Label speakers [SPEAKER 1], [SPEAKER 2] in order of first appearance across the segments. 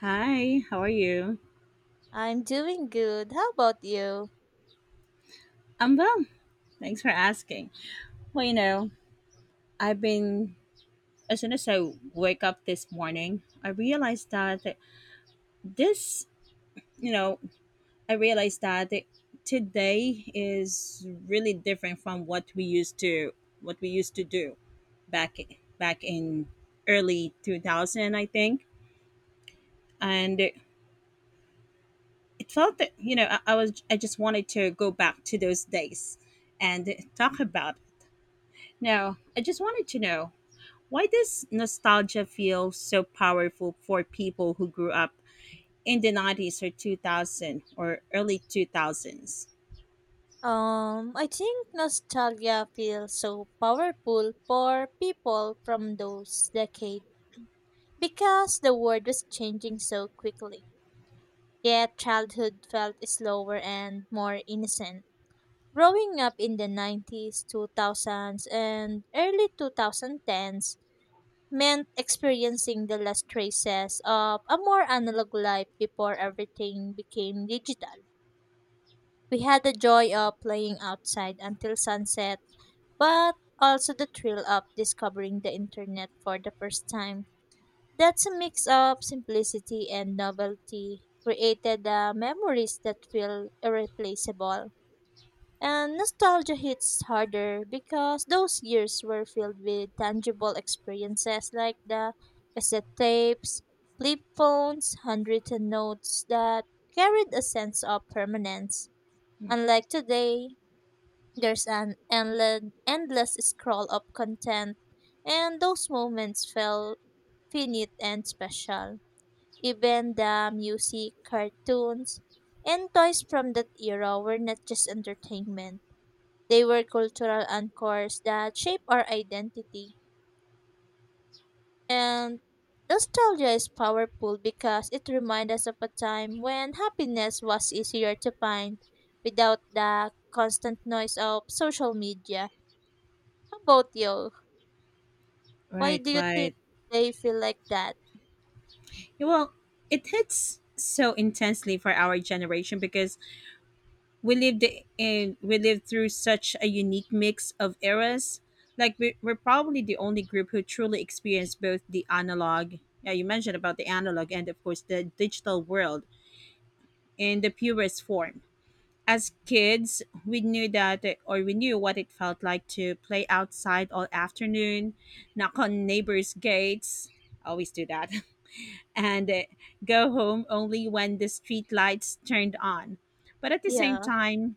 [SPEAKER 1] Hi, how are you?
[SPEAKER 2] I'm doing good. How about you?
[SPEAKER 1] I'm well. Thanks for asking. Well, I've been, as soon as I wake up this morning, I realized that this, you know, I realized that today is really different from what we used to do back, back in early 2000, I think. And it felt that, I just wanted to go back to those days and talk about. Now, I just wanted to know why does nostalgia feel so powerful for people who grew up in the 90s or 2000 or early 2000s?
[SPEAKER 2] I think nostalgia feels so powerful for people from those decades because the world was changing so quickly. Yet childhood felt slower and more innocent. Growing up in the 90s, 2000s, and early 2010s meant experiencing the last traces of a more analog life before everything became digital. We had the joy of playing outside until sunset, but also the thrill of discovering the internet for the first time. That's a mix of simplicity and novelty created the memories that feel irreplaceable. And nostalgia hits harder because those years were filled with tangible experiences like the cassette tapes, flip phones, handwritten notes that carried a sense of permanence. Unlike today, there's an endless scroll of content, and those moments felt finite and special. Even the music, cartoons, and toys from that era were not just entertainment. They were cultural anchors that shape our identity. And nostalgia is powerful because it reminds us of a time when happiness was easier to find without the constant noise of social media. How about you? Why
[SPEAKER 1] Right,
[SPEAKER 2] do you think
[SPEAKER 1] right.
[SPEAKER 2] they feel like that?
[SPEAKER 1] Yeah, well, it hits so intensely for our generation because we lived we lived through such a unique mix of eras. Like we're probably the only group who truly experienced both the analog, yeah, you mentioned about the analog, and of course the digital world in the purest form. As kids, we knew what it felt like to play outside all afternoon, knock on neighbors' gates, always do that, and go home only when the street lights turned on. But at the same
[SPEAKER 2] Yeah,
[SPEAKER 1] time,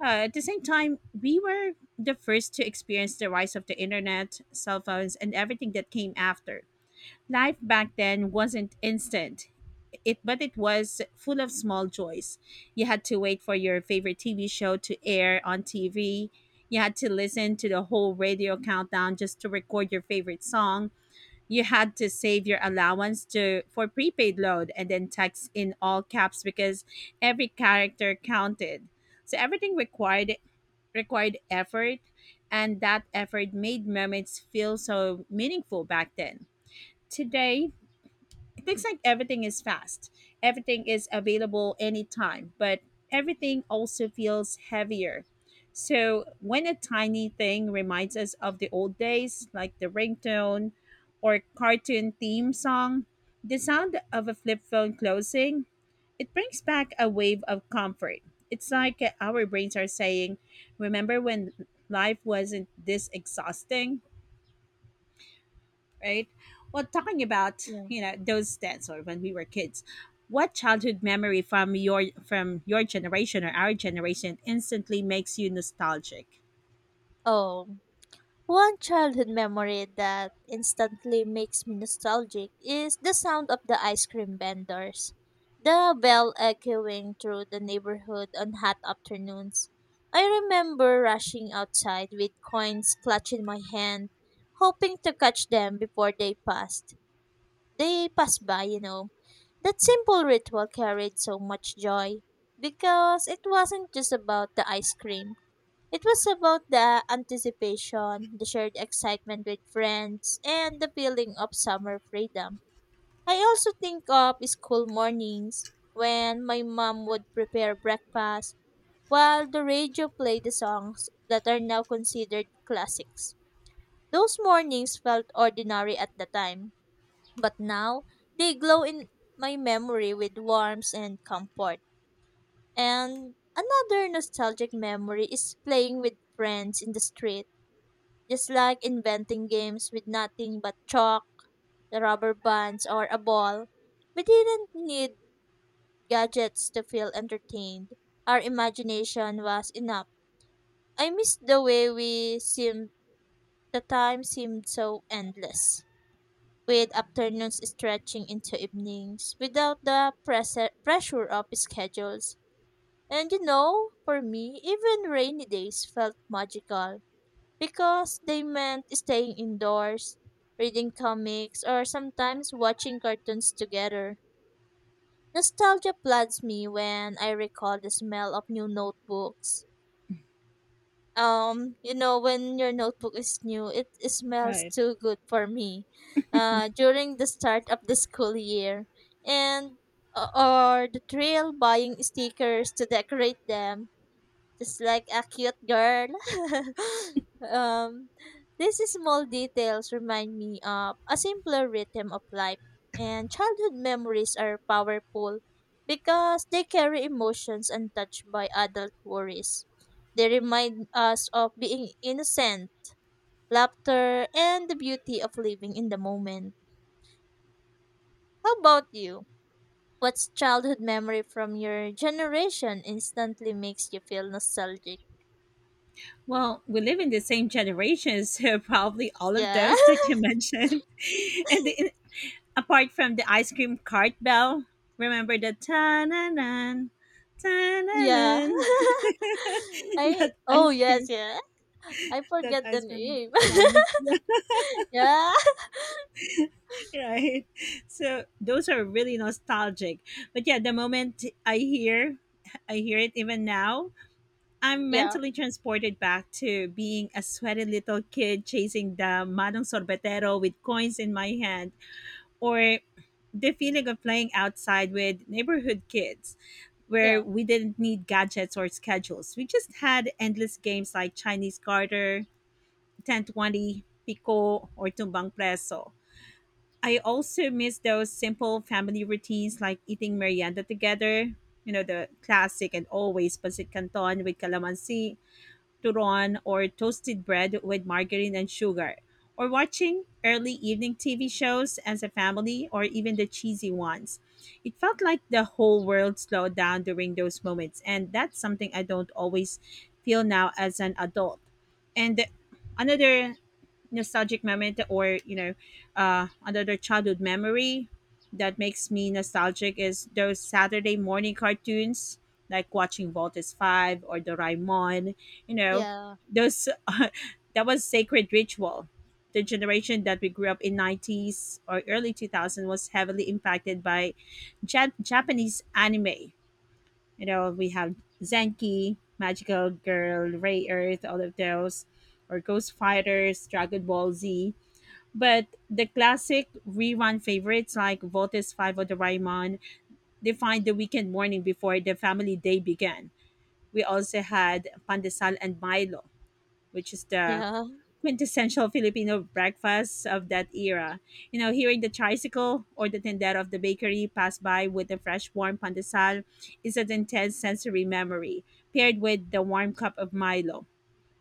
[SPEAKER 1] we were the first to experience the rise of the internet, cell phones, and everything that came after. Life back then wasn't instant it but it was full of small joys. You had to wait for your favorite TV show to air on TV. You had to listen to the whole radio countdown just to record your favorite song. You had to save your allowance to for prepaid load and then text in all caps because every character counted. So everything required effort, and that effort made moments feel so meaningful back then. Today, it thinks like everything is fast, everything is available anytime, but everything also feels heavier. So when a tiny thing reminds us of the old days, like the ringtone or cartoon theme song, the sound of a flip phone closing, it brings back a wave of comfort. It's like our brains are saying, remember when life wasn't this exhausting, right? Well, talking about
[SPEAKER 2] yeah.
[SPEAKER 1] those days, or when we were kids, what childhood memory from your generation, or our generation, instantly makes you nostalgic?
[SPEAKER 2] Oh, one childhood memory that instantly makes me nostalgic is the sound of the ice cream vendors. The bell echoing through the neighborhood on hot afternoons. I remember rushing outside with coins clutching my hand, hoping to catch them before they passed. They pass by. That simple ritual carried so much joy because it wasn't just about the ice cream. It was about the anticipation, the shared excitement with friends, and the feeling of summer freedom. I also think of school mornings when my mom would prepare breakfast while the radio played the songs that are now considered classics. Those mornings felt ordinary at the time, but now, they glow in my memory with warmth and comfort. And another nostalgic memory is playing with friends in the street, just like inventing games with nothing but chalk, the rubber bands, or a ball. We didn't need gadgets to feel entertained. Our imagination was enough. I miss the way we seemed, the time seemed so endless, with afternoons stretching into evenings without the pressure of schedules. And for me, even rainy days felt magical because they meant staying indoors, reading comics, or sometimes watching cartoons together. Nostalgia floods me when I recall the smell of new notebooks. When your notebook is new, it smells
[SPEAKER 1] Right.
[SPEAKER 2] too good for me during the start of the school year, and or the thrill buying stickers to decorate them just like a cute girl. um, these small details remind me of a simpler rhythm of life, and childhood memories are powerful because they carry emotions untouched by adult worries. They remind us of being innocent, laughter, and the beauty of living in the moment. How about you? What's childhood memory from your generation instantly makes you feel nostalgic?
[SPEAKER 1] Well, we live in the same generation, so probably all of
[SPEAKER 2] Yeah.
[SPEAKER 1] those that you mentioned, and the, apart from the ice cream cart bell. Remember the ta na na ta na
[SPEAKER 2] Yeah.
[SPEAKER 1] na,
[SPEAKER 2] I
[SPEAKER 1] that
[SPEAKER 2] Oh
[SPEAKER 1] ice
[SPEAKER 2] yes,
[SPEAKER 1] cream
[SPEAKER 2] yeah. I
[SPEAKER 1] that
[SPEAKER 2] forget the
[SPEAKER 1] ice cream
[SPEAKER 2] name.
[SPEAKER 1] song?
[SPEAKER 2] Yeah.
[SPEAKER 1] Right, so those are really nostalgic, but yeah, the moment I hear it even now, I'm
[SPEAKER 2] Yeah.
[SPEAKER 1] mentally transported back to being a sweaty little kid chasing the manong sorbetero with coins in my hand, or the feeling of playing outside with neighborhood kids where
[SPEAKER 2] Yeah.
[SPEAKER 1] we didn't need gadgets or schedules. We just had endless games like Chinese garter, 1020 pico, or tumbang preso. I also miss those simple family routines, like eating merienda together, you know, the classic and always pancit canton with calamansi, turon, or toasted bread with margarine and sugar, or watching early evening TV shows as a family, or even the cheesy ones. It felt like the whole world slowed down during those moments, and that's something I don't always feel now as an adult. And another nostalgic moment, or another childhood memory that makes me nostalgic, is those Saturday morning cartoons, like watching Voltes 5 or Doraemon. You know,
[SPEAKER 2] Yeah.
[SPEAKER 1] those, that was sacred ritual. The generation that we grew up in, 90s or early 2000, was heavily impacted by Japanese anime. You know, we have Zenki, Magical Girl, Ray Earth, all of those, or Ghost Fighters, Dragon Ball Z. But the classic rerun favorites like Voltes 5 or Doraemon defined the weekend morning before the family day began. We also had Pandesal and Milo, which is the
[SPEAKER 2] Yeah.
[SPEAKER 1] quintessential Filipino breakfast of that era. You know, hearing the tricycle or the tendero of the bakery pass by with a fresh warm pandesal is an intense sensory memory, paired with the warm cup of Milo,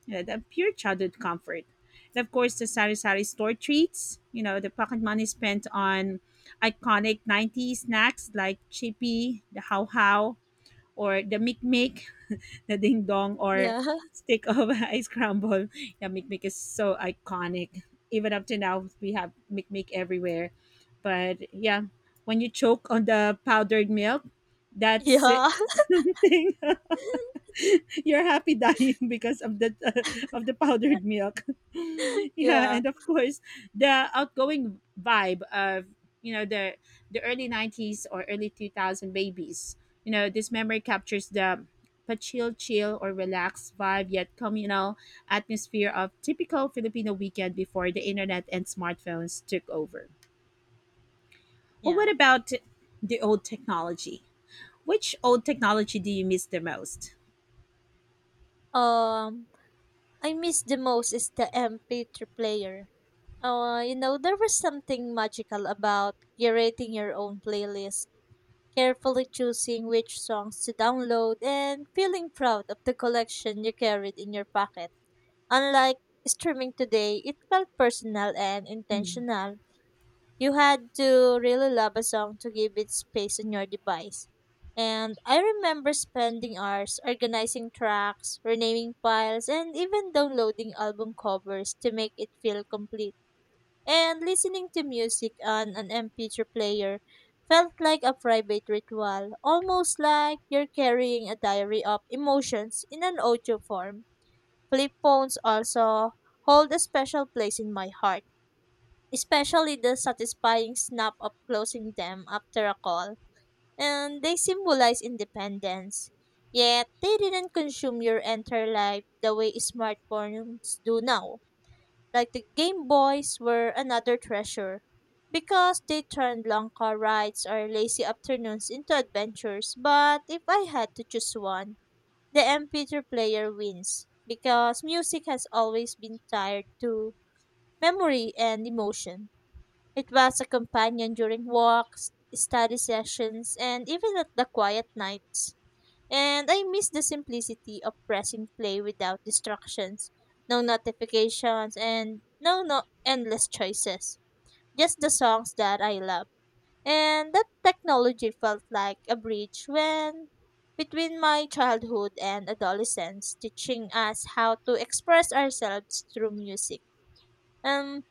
[SPEAKER 1] you know, the pure childhood comfort. And of course, the sari-sari store treats, you know, the pocket money spent on iconic 90s snacks like chippy, the how-how, or the mikmik, the ding dong, or
[SPEAKER 2] Yeah.
[SPEAKER 1] stick of ice crumble. Yeah, mikmik is so iconic. Even up to now, we have mikmik everywhere. But yeah, when you choke on the powdered milk, that's
[SPEAKER 2] Yeah.
[SPEAKER 1] something you're happy dying because of the of the powdered milk. Yeah,
[SPEAKER 2] Yeah.
[SPEAKER 1] and of course, the outgoing vibe of you know the the early '90s or early 2000 babies. You know, this memory captures the but chill or relaxed vibe, yet communal atmosphere of typical Filipino weekend before the internet and smartphones took over. Well,
[SPEAKER 2] Yeah.
[SPEAKER 1] what about the old technology? Which old technology do you miss the most?
[SPEAKER 2] Um I miss the most is the MP3 player. There was something magical about curating your own playlist, carefully choosing which songs to download, and feeling proud of the collection you carried in your pocket. Unlike streaming today, it felt personal and
[SPEAKER 1] Mm.
[SPEAKER 2] intentional. You had to really love a song to give it space on your device. And I remember spending hours organizing tracks, renaming files, and even downloading album covers to make it feel complete. And listening to music on an MP3 player felt like a private ritual, almost like you're carrying a diary of emotions in an audio form. Flip phones also hold a special place in my heart, especially the satisfying snap of closing them after a call. And they symbolize independence. Yet, they didn't consume your entire life the way smartphones do now. Like the Game Boys were another treasure because they turned long car rides or lazy afternoons into adventures. But if I had to choose one, the MP3 player wins because music has always been tied to memory and emotion. It was a companion during walks, study sessions, and even at the quiet nights. And I miss the simplicity of pressing play without distractions, no notifications, and no endless choices. Just the songs that I love. And that technology felt like a bridge when between my childhood and adolescence, teaching us how to express ourselves through music. Um,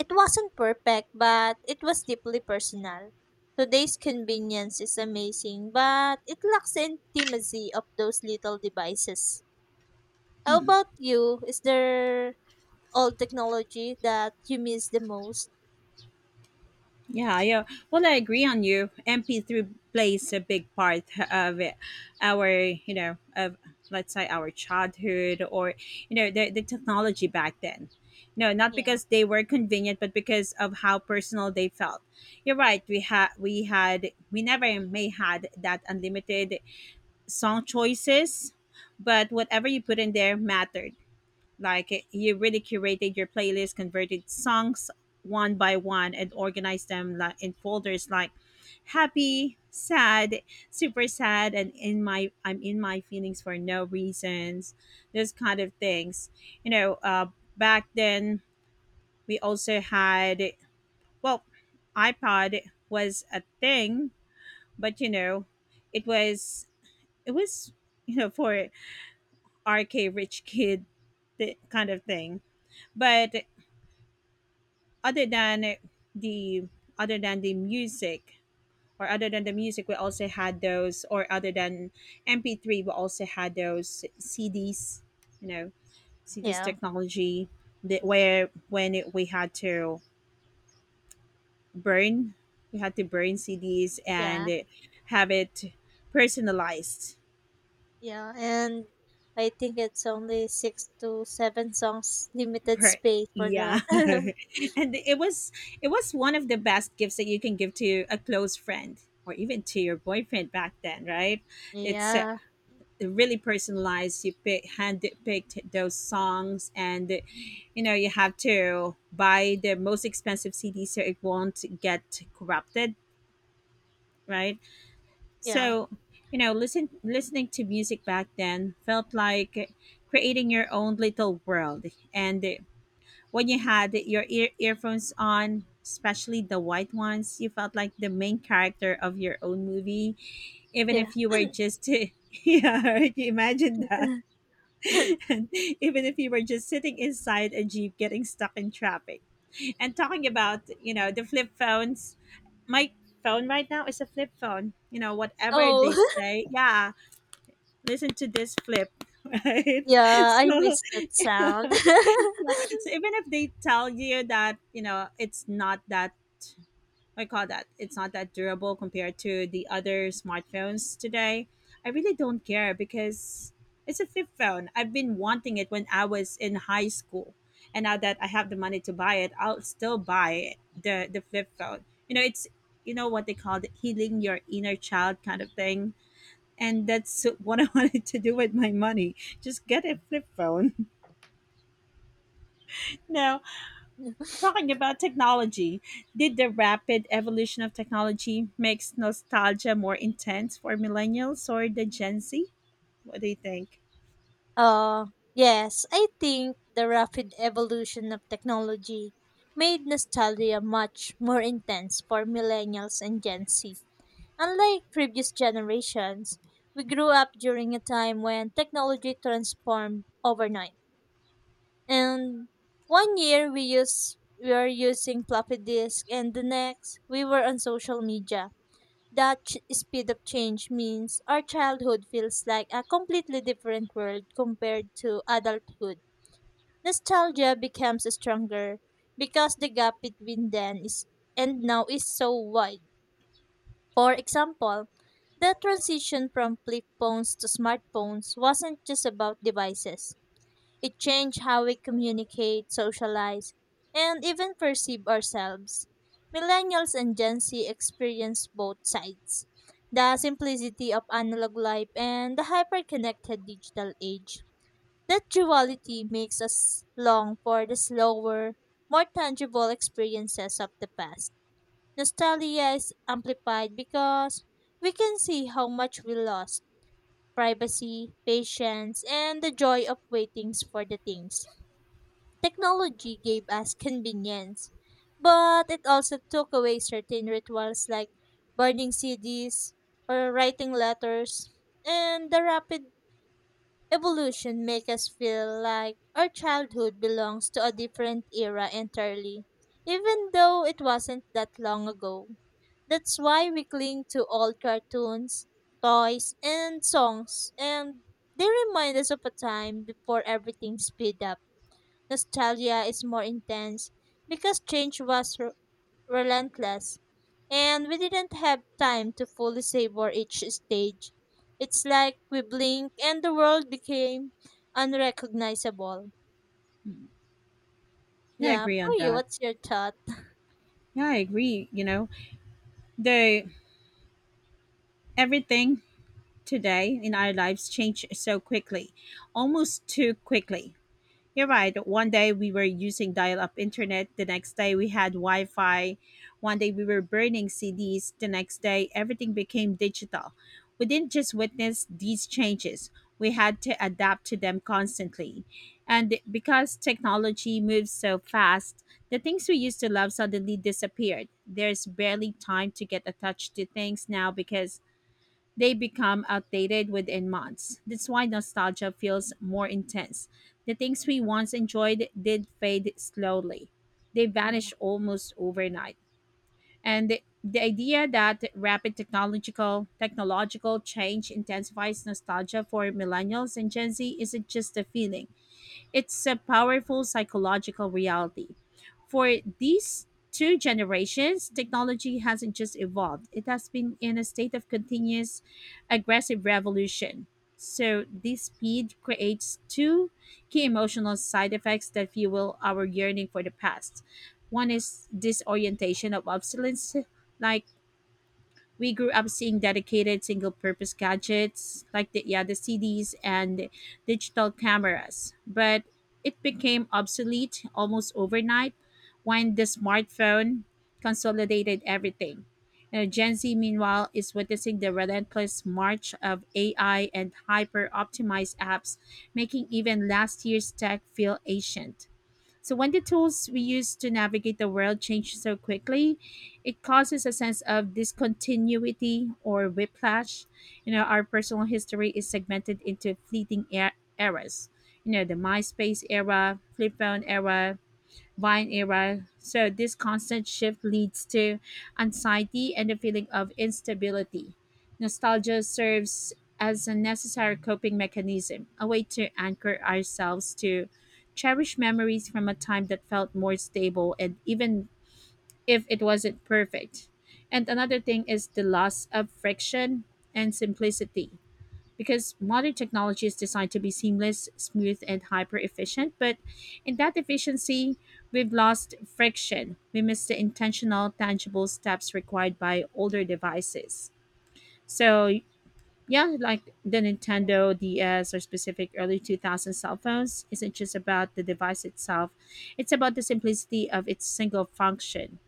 [SPEAKER 2] it wasn't perfect, but it was deeply personal. Today's convenience is amazing, but it lacks the intimacy of those little devices. How about you? Is there old technology that you miss the most?
[SPEAKER 1] Yeah, yeah. Well, I agree on you. MP3 plays a big part of it, of, let's say, our childhood, or, you know, the technology back then. No, not
[SPEAKER 2] Yeah.
[SPEAKER 1] because they were convenient, but because of how personal they felt. You're right. We never may had that unlimited song choices, but whatever you put in there mattered. Like, you really curated your playlist, converted songs one by one, and organized them like in folders, like happy, sad, super sad, and in my I'm in my feelings for no reasons, those kind of things. You know, back then we also had, well, iPod was a thing, but you know, it was it was, you know, for rk rich kid kind of thing. But other than the other than the music, or other than the music we also had those or other than MP3, we also had those CDs, you know, CDs
[SPEAKER 2] Yeah.
[SPEAKER 1] technology, that, where we had to burn burn CDs
[SPEAKER 2] Yeah.
[SPEAKER 1] and have it personalized,
[SPEAKER 2] Yeah, and I think it's only six to seven songs limited
[SPEAKER 1] per,
[SPEAKER 2] space for
[SPEAKER 1] yeah.
[SPEAKER 2] that.
[SPEAKER 1] And it was one of the best gifts that you can give to a close friend, or even to your boyfriend back then, right? It's
[SPEAKER 2] Yeah,
[SPEAKER 1] really personalized. You pick hand picked those songs, and, you know, you have to buy the most expensive CD so it won't get corrupted, right?
[SPEAKER 2] yeah,
[SPEAKER 1] So, you know, listening to music back then felt like creating your own little world. And when you had your earphones on, especially the white ones, you felt like the main character of your own movie, even
[SPEAKER 2] yeah.
[SPEAKER 1] if you were just yeah, right, you imagine that. And even if you were just sitting inside a jeep getting stuck in traffic. And talking about, you know, the flip phones, my phone right now is a flip phone, you know, whatever they
[SPEAKER 2] Oh,
[SPEAKER 1] say. Yeah, listen to this flip. Right.
[SPEAKER 2] yeah, I
[SPEAKER 1] So
[SPEAKER 2] miss that
[SPEAKER 1] yeah.
[SPEAKER 2] sound.
[SPEAKER 1] So even if they tell you that, you know, it's not that, I call that, it's not that durable compared to the other smartphones today, I really don't care because it's a flip phone. I've been wanting it when I was in high school, and now that I have the money to buy it, I'll still buy the flip phone. You know, it's, you know what they call it, healing your inner child kind of thing. And that's what I wanted to do with my money. Just get a flip phone. No, talking about technology, did the rapid evolution of technology makes nostalgia more intense for millennials or the Gen Z? What do you think?
[SPEAKER 2] Uh, yes, I think the rapid evolution of technology made nostalgia much more intense for millennials and Gen Z. Unlike previous generations, we grew up during a time when technology transformed overnight. And one year we were using floppy disk and the next we were on social media. That speed of change means our childhood feels like a completely different world compared to adulthood. Nostalgia becomes stronger because the gap between then is and now is so wide. For example, the transition from flip phones to smartphones wasn't just about devices. It changed how we communicate, socialize, and even perceive ourselves. Millennials and Gen Z experience both sides, the simplicity of analog life and the hyper-connected digital age. That duality makes us long for the slower, more tangible experiences of the past. Nostalgia is amplified because we can see how much we lost: privacy, patience, and the joy of waiting for the things. Technology gave us convenience, but it also took away certain rituals like burning CDs or writing letters. And the rapid evolution make us feel like our childhood belongs to a different era entirely, even though it wasn't that long ago. That's why we cling to old cartoons, toys, and songs, and they remind us of a time before everything sped up. Nostalgia is more intense because change was relentless and we didn't have time to fully savor each stage. It's like we blink and the world became unrecognizable.
[SPEAKER 1] Yeah, I
[SPEAKER 2] Yeah,
[SPEAKER 1] agree
[SPEAKER 2] for
[SPEAKER 1] on
[SPEAKER 2] you,
[SPEAKER 1] that.
[SPEAKER 2] what's your thought?
[SPEAKER 1] Yeah, I agree. You know, the everything today in our lives changed so quickly, almost too quickly. You're right. One day we were using dial up internet, the next day we had Wi-Fi. One day we were burning CDs, the next day everything became digital. We didn't just witness these changes, we had to adapt to them constantly. And because technology moves so fast, the things we used to love suddenly disappeared. There's barely time to get attached to things now because they become outdated within months. That's why nostalgia feels more intense. The things we once enjoyed did fade slowly, they
[SPEAKER 2] Yeah,
[SPEAKER 1] vanish almost overnight. And the idea that rapid technological change intensifies nostalgia for millennials and Gen Z isn't just a feeling. It's a powerful psychological reality. For these two generations, technology hasn't just evolved, it has been in a state of continuous aggressive revolution. So, this speed creates two key emotional side effects that fuel our yearning for the past. One is disorientation of obsolescence, like we grew up seeing dedicated single purpose gadgets like the CDs and digital cameras, but it became obsolete almost overnight when the smartphone consolidated everything. You know, Gen Z meanwhile is witnessing the relentless march of AI and hyper optimized apps, making even last year's tech feel ancient. So when the tools we use to navigate the world change so quickly, it causes a sense of discontinuity or whiplash. You know, our personal history is segmented into fleeting eras. You know, the MySpace era, flip phone era, Vine era. So this constant shift leads to anxiety and a feeling of instability. Nostalgia serves as a necessary coping mechanism, a way to anchor ourselves to cherish memories from a time that felt more stable, and even if it wasn't perfect. And another thing is the loss of friction and simplicity, because modern technology is designed to be seamless, smooth, and hyper efficient. But in that efficiency, we've lost friction. We miss the intentional, tangible steps required by older devices. So, yeah, like the Nintendo DS or specific early 2000 cell phones isn't just about the device itself, it's about the simplicity of its single function.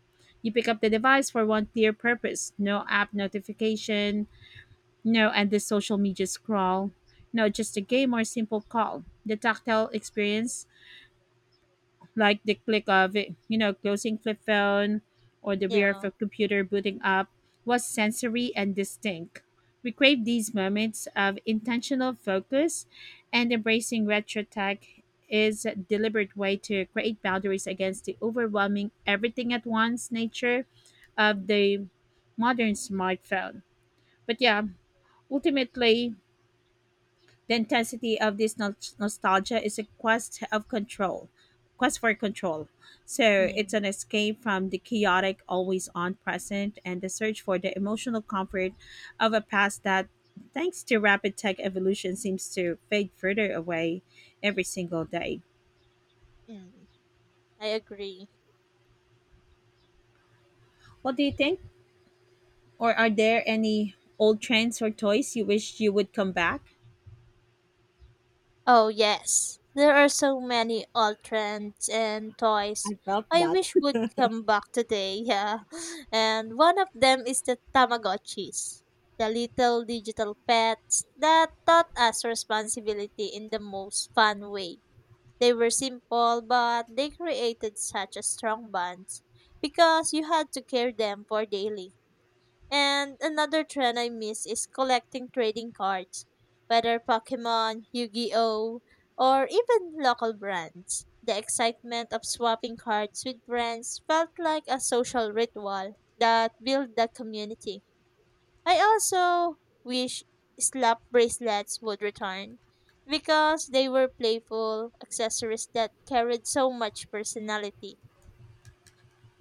[SPEAKER 1] You pick up the device for one clear purpose, no app notification, no, and the social media scroll. No, just a game or simple call. The tactile experience, like the click of it, closing flip phone or the VR of
[SPEAKER 2] yeah,
[SPEAKER 1] a computer booting up, was sensory and distinct. We crave these moments of intentional focus, and embracing retro tech is a deliberate way to create boundaries against the overwhelming everything at once nature of the modern smartphone. But yeah, ultimately, the intensity of this nostalgia is a quest of control, quest for control. So
[SPEAKER 2] yeah.
[SPEAKER 1] it's an escape from the chaotic, always on present, and the search for the emotional comfort of a past that, thanks to rapid tech evolution, seems to fade further away every single day.
[SPEAKER 2] Mm, I agree.
[SPEAKER 1] What do you think? Or are there any old trends or toys you wish you would come back?
[SPEAKER 2] Oh, yes. There are so many old trends and toys I wish would come back today. Yeah. And one of them is the Tamagotchis, the little digital pets that taught us responsibility in the most fun way. They were simple, but they created such a strong bonds because you had to care them for daily. And another trend I miss is collecting trading cards, whether Pokemon, Yu Gi Oh!, or even local brands. The excitement of swapping cards with friends felt like a social ritual that built the community. I also wish slap bracelets would return because they were playful accessories that carried so much personality,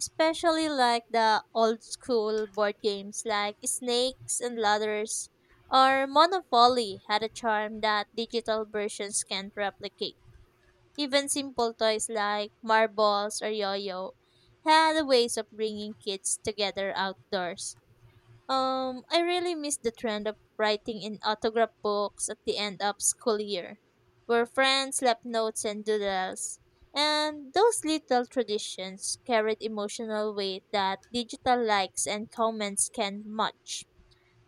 [SPEAKER 2] especially like the old school board games like Snakes and Ladders or Monopoly had a charm that digital versions can't replicate. Even simple toys like marbles or yo-yo had ways of bringing kids together outdoors. I really miss the trend of writing in autograph books at the end of school year, where friends left notes and doodles. And those little traditions carried emotional weight that digital likes and comments can match.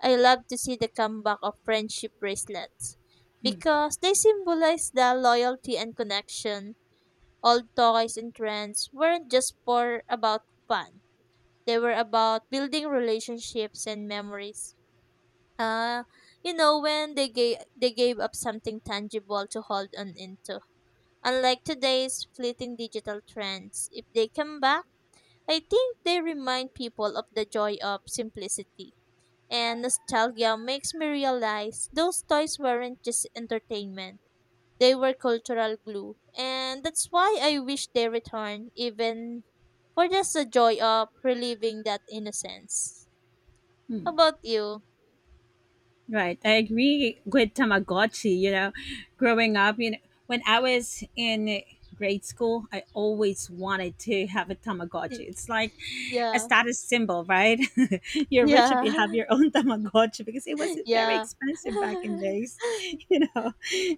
[SPEAKER 2] I love to see the comeback of friendship bracelets because they symbolize the loyalty and connection. Old toys and trends weren't just for about fun. They were about building relationships and memories. Uh, when they gave up something tangible to hold on into. Unlike today's fleeting digital trends, if they come back, I think they remind people of the joy of simplicity. And nostalgia makes me realize those toys weren't just entertainment. They were cultural glue. And that's why I wish they returned even for just the joy of reliving that innocence.
[SPEAKER 1] Hmm.
[SPEAKER 2] How about you?
[SPEAKER 1] Right. I agree with Tamagotchi. You know, growing up, you know, when I was in grade school, I always wanted to have a
[SPEAKER 2] Y-
[SPEAKER 1] Tamagotchi. It's like a
[SPEAKER 2] Yeah.
[SPEAKER 1] status symbol, right? You're rich if you have
[SPEAKER 2] Yeah.
[SPEAKER 1] your own Tamagotchi, because it was very
[SPEAKER 2] Yeah.
[SPEAKER 1] expensive back in days, you know.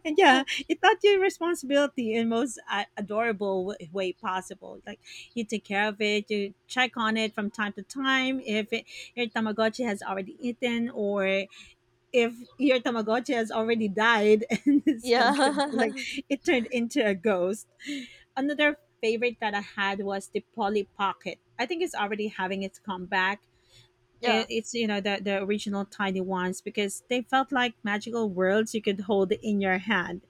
[SPEAKER 1] And yeah, it taught you responsibility in most adorable way possible. Like, you take care of it, you check on it from time to time if it, your Tamagotchi has already eaten, or if your Tamagotchi has already died and it said good,
[SPEAKER 2] Yeah.
[SPEAKER 1] like it turned into a ghost. Another favorite that I had was the Polly Pocket. I think it's already having its comeback.
[SPEAKER 2] Yeah.
[SPEAKER 1] It's you know, the original tiny ones, because they felt like magical worlds you could hold in your hand.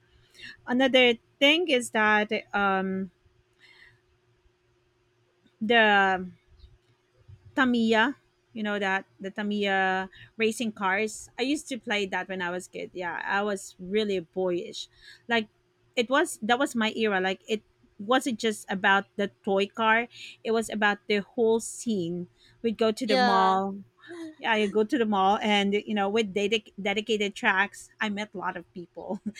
[SPEAKER 1] Another thing is that the Tamiya. You know that the Tamiya racing cars. I used to play that when I was kid. Yeah, I was really boyish. Like, it was that was my era. Like, it wasn't just about the toy car. It was about the whole scene. We'd go to the
[SPEAKER 2] Yeah.
[SPEAKER 1] mall. Yeah, you go to the mall, and you know, with dedicated tracks, I met a lot of people.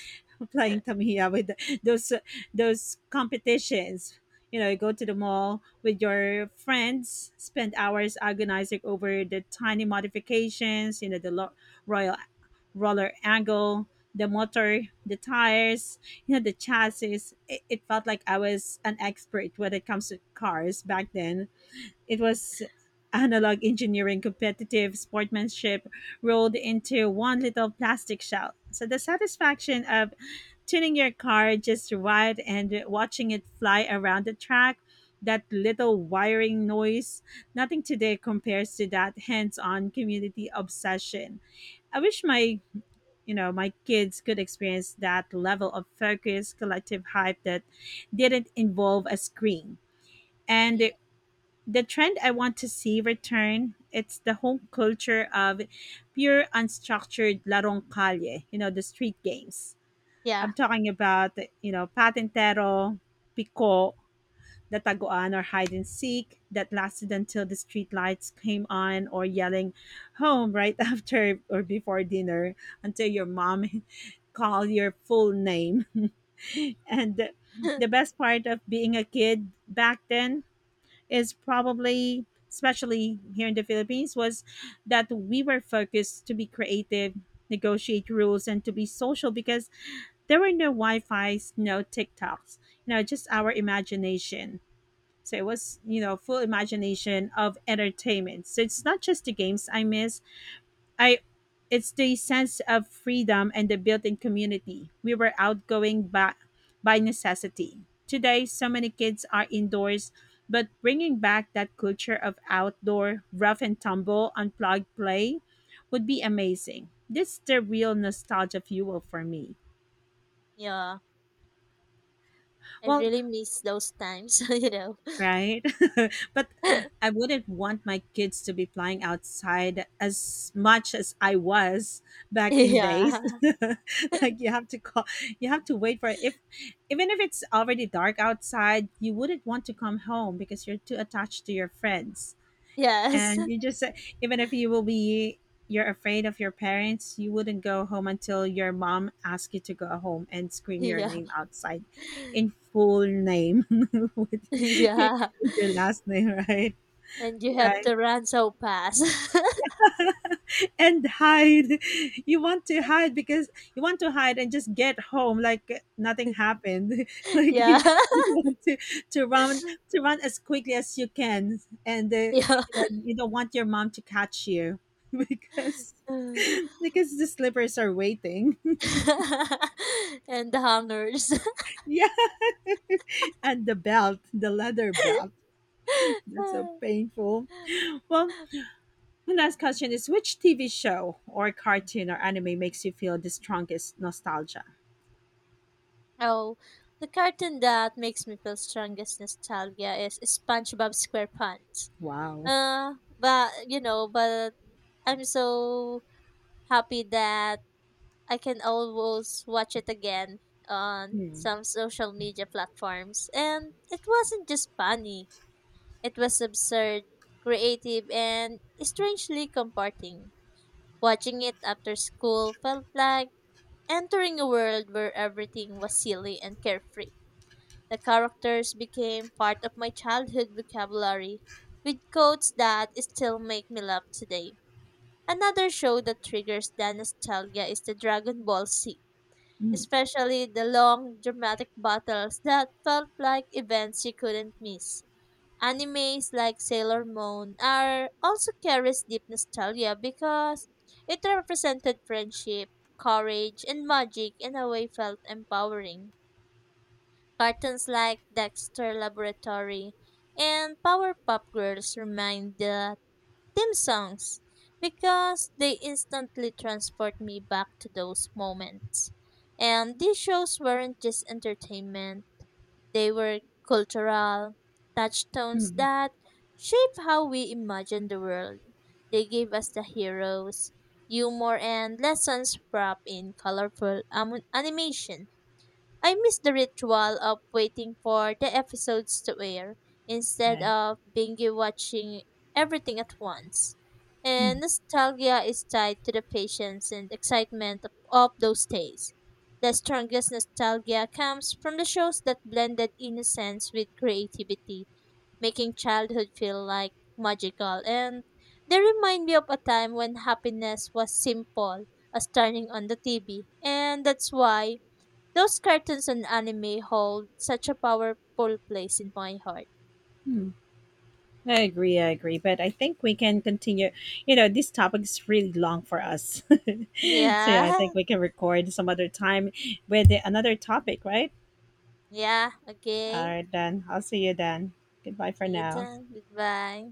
[SPEAKER 1] Playing Tamiya with those those competitions. You know, you go to the mall with your friends, spend hours agonizing over the tiny modifications. You know, the royal roller angle, the motor, the tires, you know, the chassis. It felt like I was an expert when it comes to cars back then. It was analog engineering, competitive sportsmanship rolled into one little plastic shell. So the satisfaction of tuning your car just right and watching it fly around the track. That little wiring noise, nothing today compares to that hands-on community obsession. I wish my, you know, my kids could experience that level of focused collective hype that didn't involve a screen. And
[SPEAKER 2] Yeah.
[SPEAKER 1] the trend I want to see return, it's the whole culture of pure unstructured larong calle, you know, the street games
[SPEAKER 2] Yeah.
[SPEAKER 1] I'm talking about, you know, Patintero, Pico, the Taguan or hide and seek that lasted until the street lights came on, or yelling home right after or before dinner until your mom called your full name. And the best part of being a kid back then is probably, especially here in the Philippines, was that we were focused to be creative, negotiate rules and to be social, because there were no Wi-Fi's, no TikToks, you know, just our imagination. So it was, you know, full imagination of entertainment. So it's not just the games I miss. I It's the sense of freedom and the built-in community. We were outgoing by necessity. Today, so many kids are indoors, but bringing back that culture of outdoor rough and tumble, unplugged play would be amazing. This is the real nostalgia fuel for me.
[SPEAKER 2] Yeah. I
[SPEAKER 1] Well,
[SPEAKER 2] really miss those times, you know.
[SPEAKER 1] right? But I wouldn't want my kids to be playing outside as much as I was back in
[SPEAKER 2] Yeah.
[SPEAKER 1] days. Like, you have to call, you have to wait for if, even if it's already dark outside, you wouldn't want to come home because you're too attached to your friends.
[SPEAKER 2] Yes.
[SPEAKER 1] And you just said, even if you will be, you're afraid of your parents, you wouldn't go home until your mom asks you to go home and scream your
[SPEAKER 2] Yeah.
[SPEAKER 1] name outside in full name with, with
[SPEAKER 2] Yeah.
[SPEAKER 1] your last name, right?
[SPEAKER 2] And you have
[SPEAKER 1] Yeah.
[SPEAKER 2] to run so fast.
[SPEAKER 1] And hide. You want to hide because you want to hide and just get home like nothing happened. Like
[SPEAKER 2] Yeah.
[SPEAKER 1] you want to run, to run as quickly as you can, and you
[SPEAKER 2] Yeah.
[SPEAKER 1] know, you don't want your mom to catch you because because the slippers are waiting.
[SPEAKER 2] And the hungers.
[SPEAKER 1] Yeah. And the belt, the leather belt. That's so painful. Well, my last question is, which TV show or cartoon or anime makes you feel the strongest nostalgia?
[SPEAKER 2] Oh, the cartoon that makes me feel strongest nostalgia is SpongeBob SquarePants.
[SPEAKER 1] Wow.
[SPEAKER 2] But you know, but I'm so happy that I can always watch it again on
[SPEAKER 1] Hmm.
[SPEAKER 2] some social media platforms. And it wasn't just funny; it was absurd, creative, and strangely comforting. Watching it after school felt like entering a world where everything was silly and carefree. The characters became part of my childhood vocabulary, with quotes that still make me laugh today. Another show that triggers the nostalgia is the Dragon Ball Z,
[SPEAKER 1] Hmm.
[SPEAKER 2] especially the long, dramatic battles that felt like events you couldn't miss. Animes like Sailor Moon are also carries deep nostalgia because it represented friendship, courage, and magic in a way felt empowering. Cartoons like Dexter Laboratory and Powerpuff Girls remind the theme songs because they instantly transport me back to those moments. And these shows weren't just entertainment, they were cultural touchstones
[SPEAKER 1] Hmm.
[SPEAKER 2] that shape how we imagine the world. They gave us the heroes, humor, and lessons wrapped in colorful animation. I miss the ritual of waiting for the episodes to air instead
[SPEAKER 1] Right.
[SPEAKER 2] of binge watching everything at once. And
[SPEAKER 1] Hmm.
[SPEAKER 2] nostalgia is tied to the patience and excitement of those days. The strongest nostalgia comes from the shows that blended innocence with creativity, making childhood feel like magical. And they remind me of a time when happiness was simple as turning on the TV. And that's why those cartoons and anime hold such a powerful place in my heart.
[SPEAKER 1] Hmm. I agree, I agree. But I think we can continue. You know, this topic is really long for us. So, yeah,
[SPEAKER 2] Yeah.
[SPEAKER 1] I think we can record some other time with another topic, right?
[SPEAKER 2] Yeah.
[SPEAKER 1] All
[SPEAKER 2] Okay.
[SPEAKER 1] right, then. I'll see you then. Goodbye for
[SPEAKER 2] See you
[SPEAKER 1] now.
[SPEAKER 2] then. Goodbye.